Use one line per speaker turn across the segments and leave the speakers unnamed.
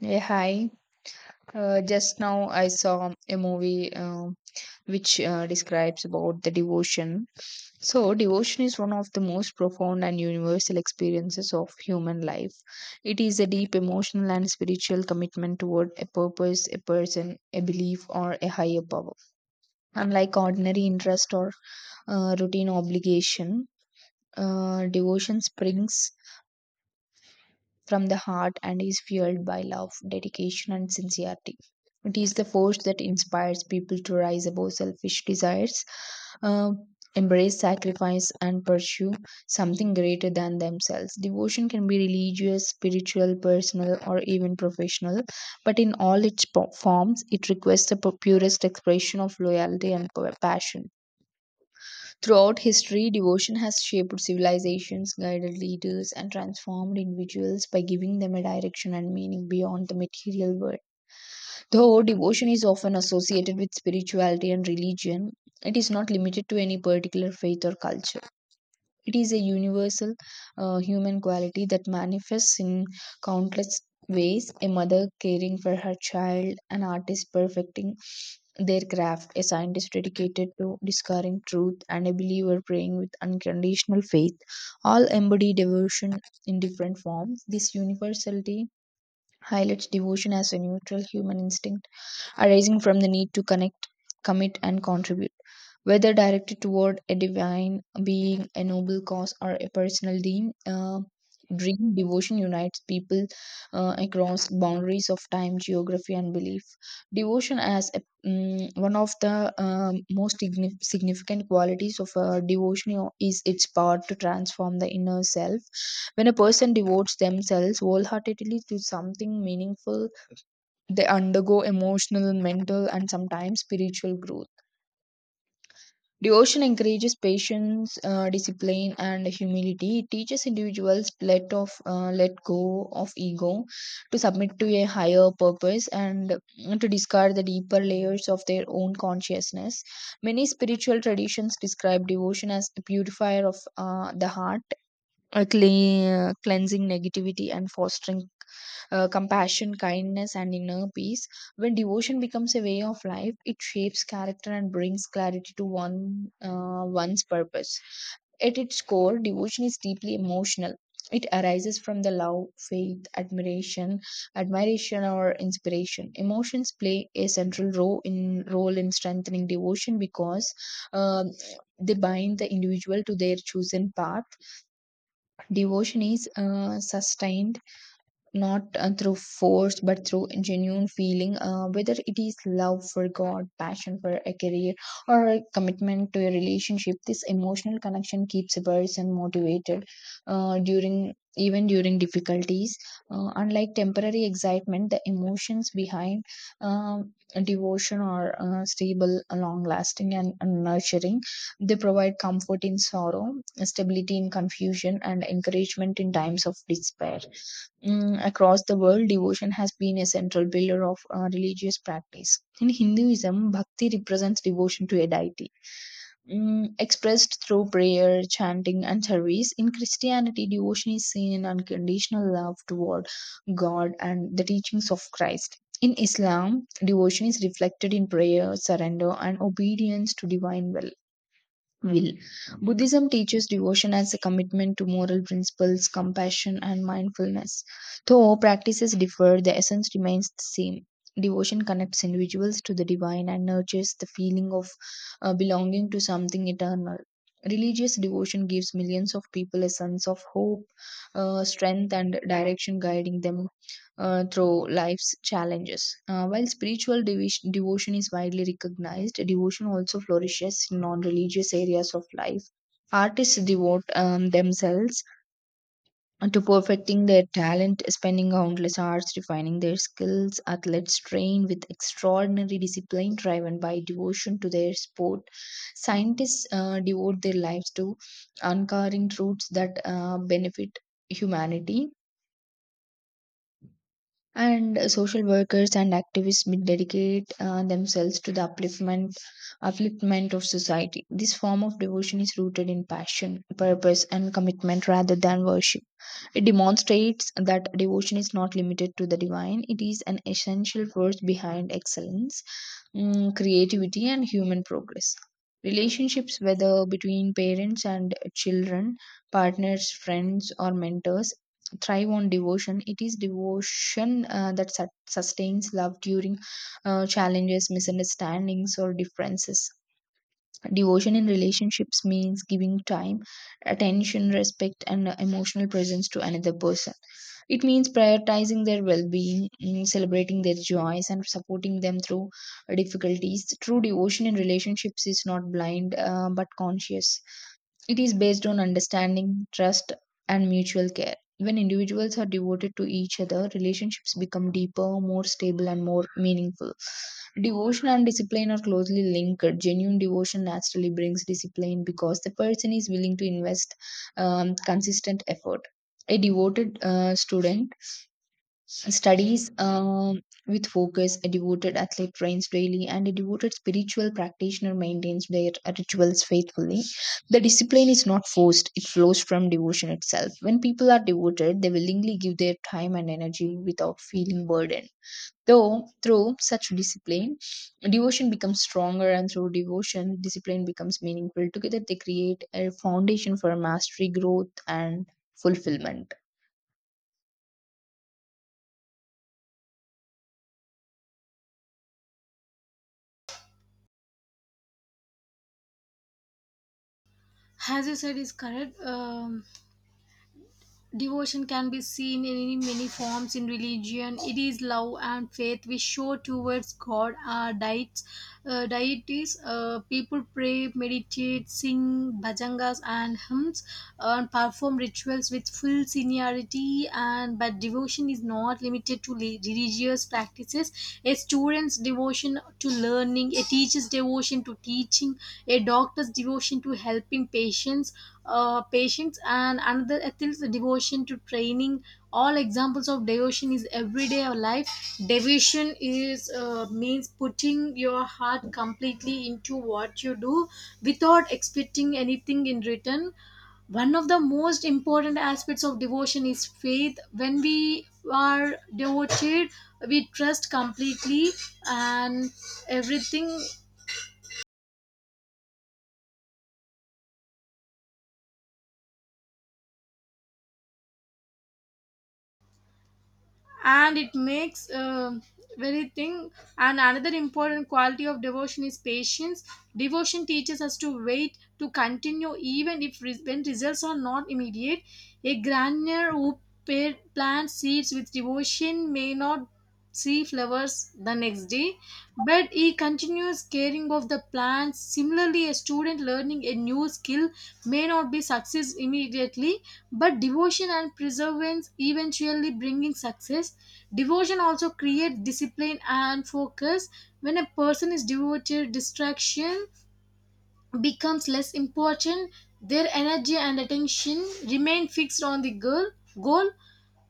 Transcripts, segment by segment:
Yeah, hi. Just now I saw a movie which describes about the devotion. So, devotion is one of the most profound and universal experiences of human life. It is a deep emotional and spiritual commitment toward a purpose, a person, a belief, or a higher power. Unlike ordinary interest or routine obligation, devotion springs from the heart and is fueled by love, dedication, and sincerity. It is the force that inspires people to rise above selfish desires, uh, embrace sacrifice, and pursue something greater than themselves. Devotion can be religious, spiritual, personal, or even professional, but in all its forms, it requests the purest expression of loyalty and passion. Throughout history, devotion has shaped civilizations, guided leaders, and transformed individuals by giving them a direction and meaning beyond the material world. Though devotion is often associated with spirituality and religion, it is not limited to any particular faith or culture. It is a universal human quality that manifests in countless ways: a mother caring for her child, an artist perfecting their craft, a scientist dedicated to discovering truth, and a believer praying with unconditional faith. All embody devotion in different forms. This universality highlights devotion as a neutral human instinct arising from the need to connect, commit, and contribute. Whether directed toward a divine being, a noble cause, or a personal dream, devotion unites people across boundaries of time, geography, and belief. Devotion as a, mm, one of the most signi- significant qualities of a devotion is its power to transform the inner self. When a person devotes themselves wholeheartedly to something meaningful, they undergo emotional, mental, and sometimes spiritual growth. Devotion encourages patience, discipline, and humility. It teaches individuals let go of ego, to submit to a higher purpose, and to discard the deeper layers of their own consciousness. Many spiritual traditions describe devotion as a purifier of the heart, a cleansing negativity and fostering compassion, kindness, and inner peace. When devotion becomes a way of life, it shapes character and brings clarity to one's purpose. At its core, devotion is deeply emotional. It arises from the love, faith, admiration, admiration, or inspiration. Emotions play a central role in strengthening devotion because um, they bind the individual to their chosen path. Devotion is sustained not through force but through genuine feeling, whether it is love for God, passion for a career, or a commitment to a relationship. This emotional connection keeps a person motivated during even during difficulties. Unlike temporary excitement, the emotions behind um, devotion are stable, long lasting, and nurturing. They provide comfort in sorrow, stability in confusion, and encouragement in times of despair. Across the world, devotion has been a central pillar of religious practice. In Hinduism, bhakti represents devotion to a deity, expressed through prayer, chanting, and service. In Christianity, devotion is seen in unconditional love toward God and the teachings of Christ. In Islam, devotion is reflected in prayer, surrender, and obedience to divine will. Buddhism teaches devotion as a commitment to moral principles, compassion, and mindfulness. Though practices differ, the essence remains the same. Devotion connects individuals to the divine and nurtures the feeling of belonging to something eternal. Religious devotion gives millions of people a sense of hope, strength, and direction, guiding them through life's challenges. While spiritual devotion is widely recognized, devotion also flourishes in non religious areas of life. Artists devote themselves to perfecting their talent, spending countless hours refining their skills. Athletes train with extraordinary discipline, driven by devotion to their sport. Scientists devote their lives to uncovering truths that benefit humanity, and social workers and activists may dedicate themselves to the upliftment of society. This form of devotion is rooted in passion, purpose, and commitment rather than worship. It demonstrates that devotion is not limited to the divine; it is an essential force behind excellence, creativity, and human progress. Relationships, whether between parents and children, partners, friends, or mentors, thrive on devotion. It is devotion that sustains love during challenges, misunderstandings, or differences. Devotion in relationships means giving time, attention, respect, and emotional presence to another person. It means prioritizing their well being, celebrating their joys, and supporting them through difficulties. True devotion in relationships is not blind, but conscious. It is based on understanding, trust, and mutual care. When individuals are devoted to each other, relationships become deeper, more stable, and more meaningful. Devotion and discipline are closely linked. Genuine devotion naturally brings discipline because the person is willing to invest consistent effort. A devoted student studies with focus, a devoted athlete trains daily, and a devoted spiritual practitioner maintains their rituals faithfully. The discipline is not forced; it flows from devotion itself. When people are devoted, they willingly give their time and energy without feeling burdened. Though, through such discipline, devotion becomes stronger, and through devotion, discipline becomes meaningful. Together, they create a foundation for mastery, growth, and fulfillment.
As you said, is correct. Devotion can be seen in any many forms in religion. It is love and faith we show towards God, our diets, deities. People pray, meditate, sing bhajangas and hymns, and perform rituals with full sincerity. And but devotion is not limited to religious practices. A student's devotion to learning, a teacher's devotion to teaching, a doctor's devotion to helping patients patience and another ethics devotion to training all examples of devotion is everyday life. Devotion is, means putting your heart completely into what you do without expecting anything in return. One of the most important aspects of devotion is faith. When we are devoted, we trust completely and everything, and it makes very thing. And another important quality of devotion is patience. Devotion teaches us to wait, to continue even if when results are not immediate. A gardener who plants seeds with devotion may not see flowers the next day, but he continues caring of the plants. Similarly, a student learning a new skill may not be success immediately, but devotion and perseverance eventually bringing success. Devotion also creates discipline and focus. When a person is devoted, distraction becomes less important. Their energy and attention remain fixed on the goal.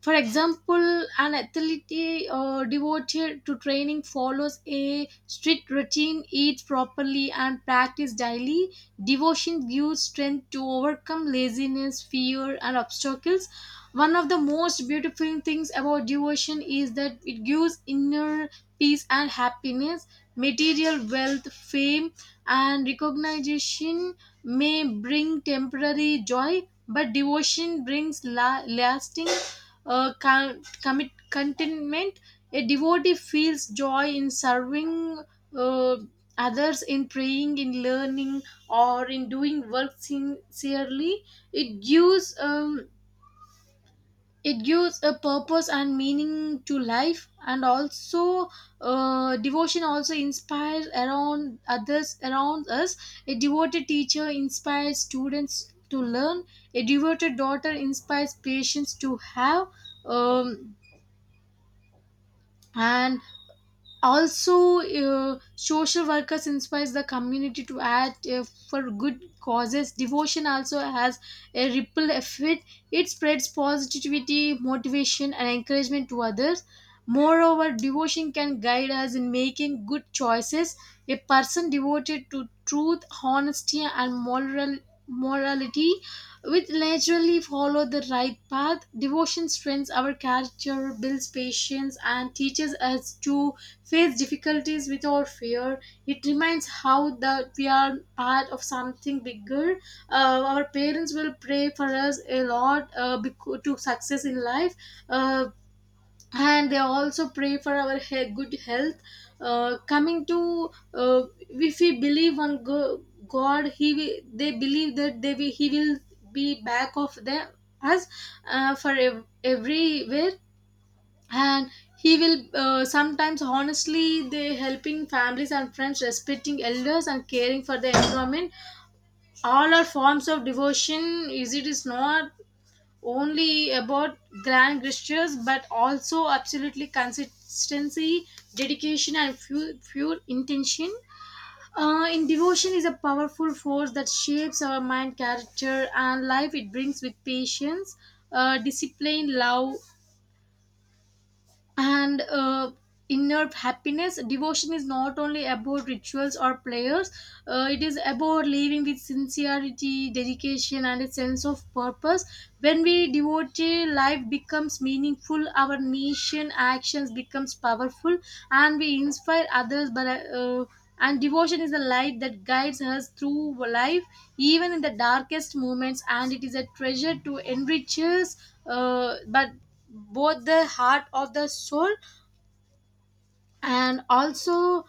For example, an athlete devoted to training follows a strict routine, eats properly, and practice daily. Devotion gives strength to overcome laziness, fear, and obstacles. One of the most beautiful things about devotion is that it gives inner peace and happiness. Material wealth, fame, and recognition may bring temporary joy, but devotion brings lasting, con- commit contentment. A devotee feels joy in serving, uh, others, in praying, in learning, or in doing work sincerely. It gives it gives a purpose and meaning to life. And also, devotion also inspires around others around us. A devoted teacher inspires students to learn, a devoted daughter inspires patients to have, um, and also, social workers inspires the community to act, for good causes. Devotion also has a ripple effect. It spreads positivity, motivation, and encouragement to others. Moreover, devotion can guide us in making good choices. A person devoted to truth, honesty, and morality, which naturally follow the right path. Devotion strengthens our character, builds patience, and teaches us to face difficulties without fear. It reminds how that we are part of something bigger. Our parents will pray for us a lot, to success in life, uh, and they also pray for our good health. Coming to, if we believe on God, he will, they believe that they will, he will be back of them, us, for everywhere. And he will, sometimes honestly they helping families and friends, respecting elders, and caring for the environment. All are forms of devotion. Is it is not only about grand gestures but also absolutely consistency, dedication, and pure, pure intention. In Devotion is a powerful force that shapes our mind, character, and life. It brings with patience, discipline, love, and inner happiness. Devotion is not only about rituals or prayers. It is about living with sincerity, dedication, and a sense of purpose. When we devote, life becomes meaningful, our nation actions becomes powerful, and we inspire others. But uh, and devotion is the light that guides us through life even in the darkest moments, and it is a treasure to enrich us, but both the heart of the soul. And also,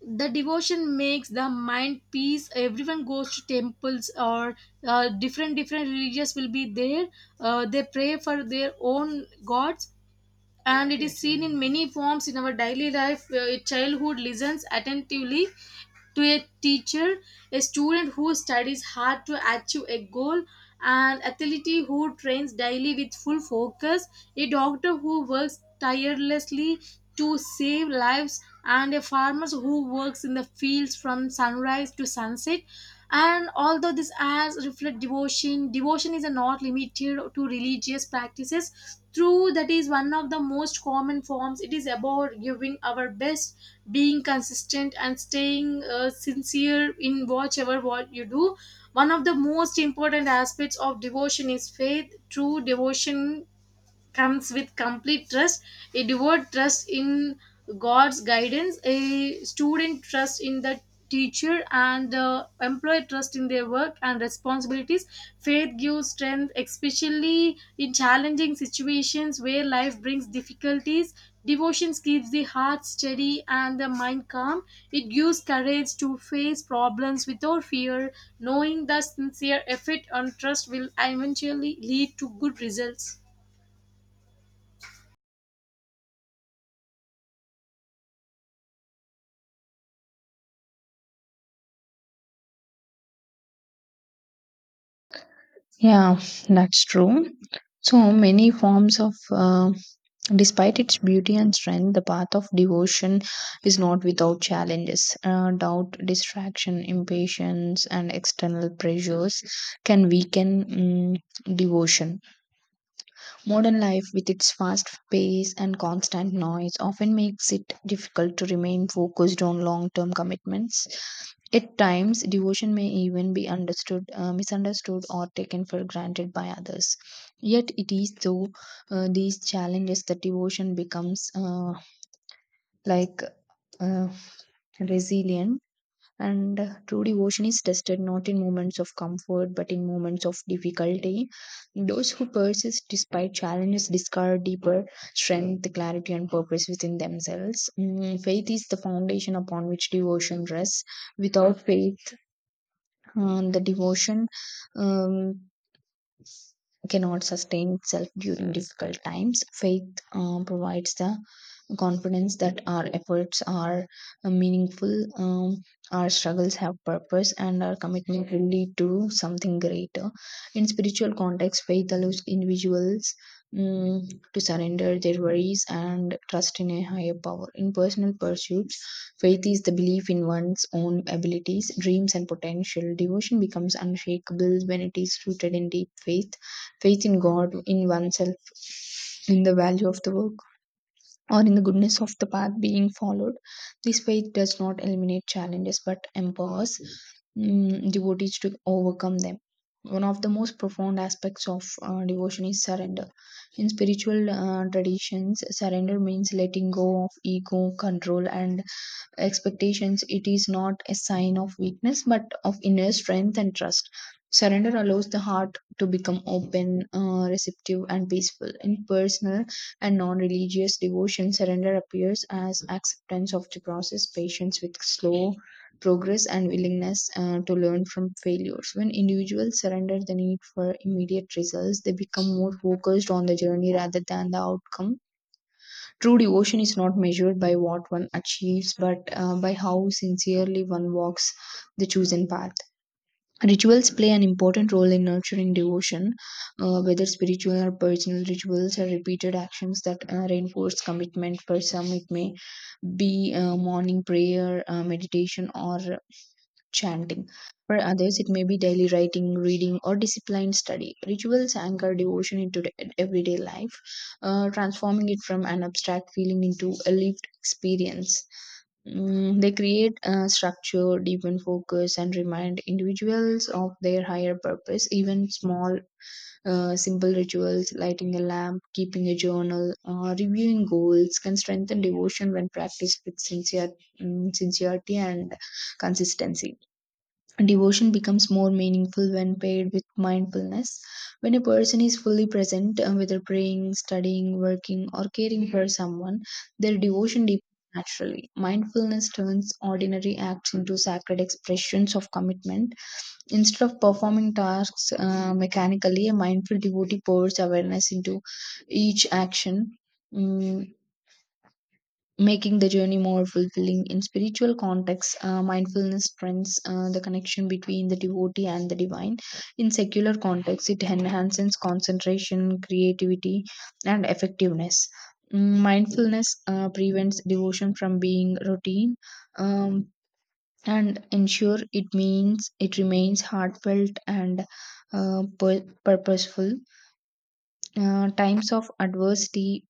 the devotion makes the mind peace. Everyone goes to temples, or different different religious will be there. They pray for their own gods, and it is seen in many forms in our daily life. A childhood listens attentively to a teacher, a student who studies hard to achieve a goal, an athlete who trains daily with full focus, a doctor who works tirelessly to save lives, and a farmer who works in the fields from sunrise to sunset. And although these acts reflect devotion, is not limited to religious practices. True, that is one of the most common forms. It is about giving our best, being consistent, and staying sincere in whatever what you do. One of the most important aspects of devotion is faith. True devotion comes with complete trust. A devout trust in God's guidance, a student trust in the teacher, and employee trust in their work and responsibilities. Faith gives strength, especially in challenging situations where life brings difficulties. Devotion keeps the heart steady and the mind calm. It gives courage to face problems without fear, knowing that sincere effort and trust will eventually lead to good results.
Yeah, that's true. So many forms of, despite its beauty and strength, the path of devotion is not without challenges. Doubt, distraction, impatience, and external pressures can weaken devotion. Modern life, with its fast pace and constant noise, often makes it difficult to remain focused on long term commitments. At times, devotion may even be misunderstood, or taken for granted by others. Yet, it is through these challenges that devotion becomes like uh, resilient, and true devotion is tested not in moments of comfort but in moments of difficulty. Those who persist despite challenges discover deeper strength, clarity, and purpose within themselves. Faith is the foundation upon which devotion rests. Without faith, the devotion um, cannot sustain itself during difficult times. Faith provides the confidence that our efforts are meaningful, our struggles have purpose, and our commitment will lead to something greater. In spiritual context, faith allows individuals mm, to surrender their worries and trust in a higher power. In personal pursuits, faith is the belief in one's own abilities, dreams, and potential. Devotion becomes unshakable when it is rooted in deep faith: in God, in oneself, in the value of the work, or in the goodness of the path being followed. This faith does not eliminate challenges but empowers devotees to overcome them. One of the most profound aspects of devotion is surrender. In spiritual traditions, surrender means letting go of ego, control, and expectations. It is not a sign of weakness but of inner strength and trust. Surrender allows the heart to become open, receptive, and peaceful. In personal and non religious devotion, surrender appears as acceptance of the process, patience with slow progress, and willingness to learn from failures. When individuals surrender the need for immediate results, they become more focused on the journey rather than the outcome. True devotion is not measured by what one achieves, but by how sincerely one walks the chosen path. Rituals play an important role in nurturing devotion, whether spiritual or personal. Rituals are repeated actions that reinforce commitment. For some, it may be morning prayer, meditation, or chanting. For others, it may be daily writing, reading, or disciplined study. Rituals anchor devotion into the everyday life, transforming it from an abstract feeling into a lived experience. They create a structure, deepen focus, and remind individuals of their higher purpose. Even small, simple rituals, lighting a lamp, keeping a journal, reviewing goals, can strengthen devotion when practiced with sincerity and consistency. Devotion becomes more meaningful when paired with mindfulness. When a person is fully present, whether praying, studying, working, or caring for someone, their devotion deepens naturally. Mindfulness turns ordinary acts into sacred expressions of commitment. Instead of performing tasks mechanically, a mindful devotee pours awareness into each action, Mm, making the journey more fulfilling. In spiritual contexts, mindfulness strengthens the connection between the devotee and the divine. In secular contexts, it enhances concentration, creativity, and effectiveness. Mindfulness prevents devotion from being routine, um, and ensure it means it remains heartfelt and purposeful. Times of adversity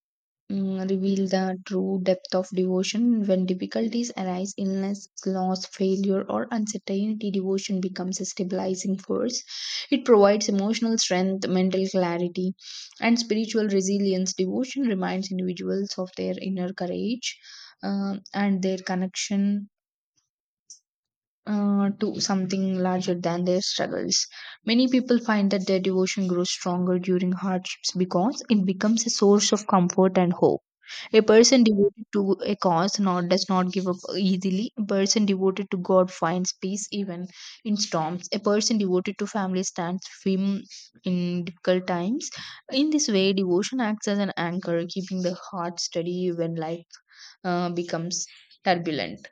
reveal the true depth of devotion. When difficulties arise, illness, loss, failure, or uncertainty, devotion becomes a stabilizing force. It provides emotional strength, mental clarity, and spiritual resilience. Devotion reminds individuals of their inner courage and their connection to something larger than their struggles. Many people find that their devotion grows stronger during hardships because it becomes a source of comfort and hope. A person devoted to a cause not, does not give up easily. A person devoted to God finds peace even in storms. A person devoted to family stands firm in difficult times. In this way, devotion acts as an anchor, keeping the heart steady when life becomes turbulent.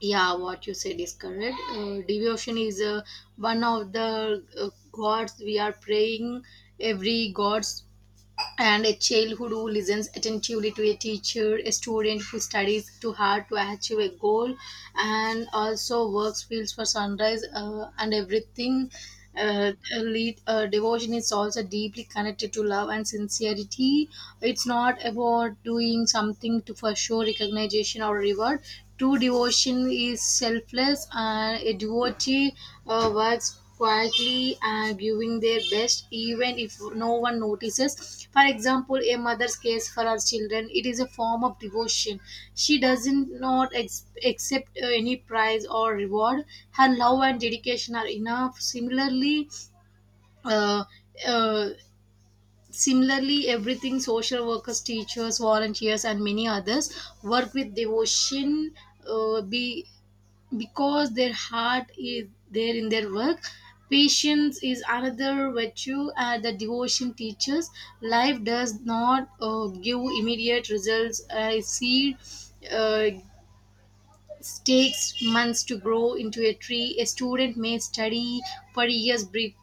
Yeah, what you said is correct. Devotion is, one of the, gods we are praying, every gods, and a childhood who listens attentively to a teacher, a student who studies too hard to achieve a goal, and also works fields for sunrise, and everything. Uh, Devotion is also deeply connected to love and sincerity. It's not about doing something to for show recognition or reward. True devotion is selfless, and a devotee works quietly and giving their best, even if no one notices. For example, a mother cares for her children. It is a form of devotion. She doesn't not accept any prize or reward. Her love and dedication are enough. Similarly, uh, uh, similarly everything, social workers, teachers, volunteers, and many others work with devotion, be because their heart is there in their work. Patience is another virtue that devotion teaches. Life does not give immediate results, I see. Uh, Takes months to grow into a tree. A student may study for years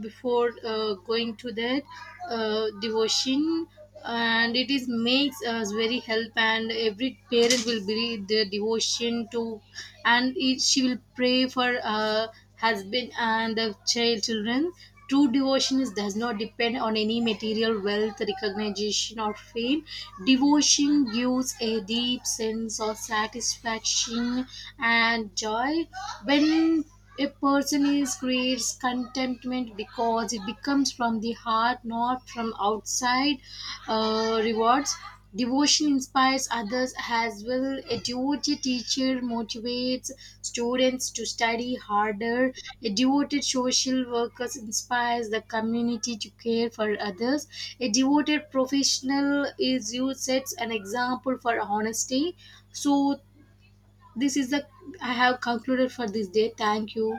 before going to that, devotion, and it is makes us very help. And every parent will believe the devotion to, and it, she will pray for her husband and the children. True devotion is, does not depend on any material wealth, recognition, or fame. Devotion gives a deep sense of satisfaction and joy when a person is creates contentment because it becomes from the heart, not from outside rewards. Devotion inspires others as well. A devoted teacher motivates students to study harder. A devoted social worker inspires the community to care for others. A devoted professional is you sets an example for honesty. So this is the I have concluded for this day. Thank you.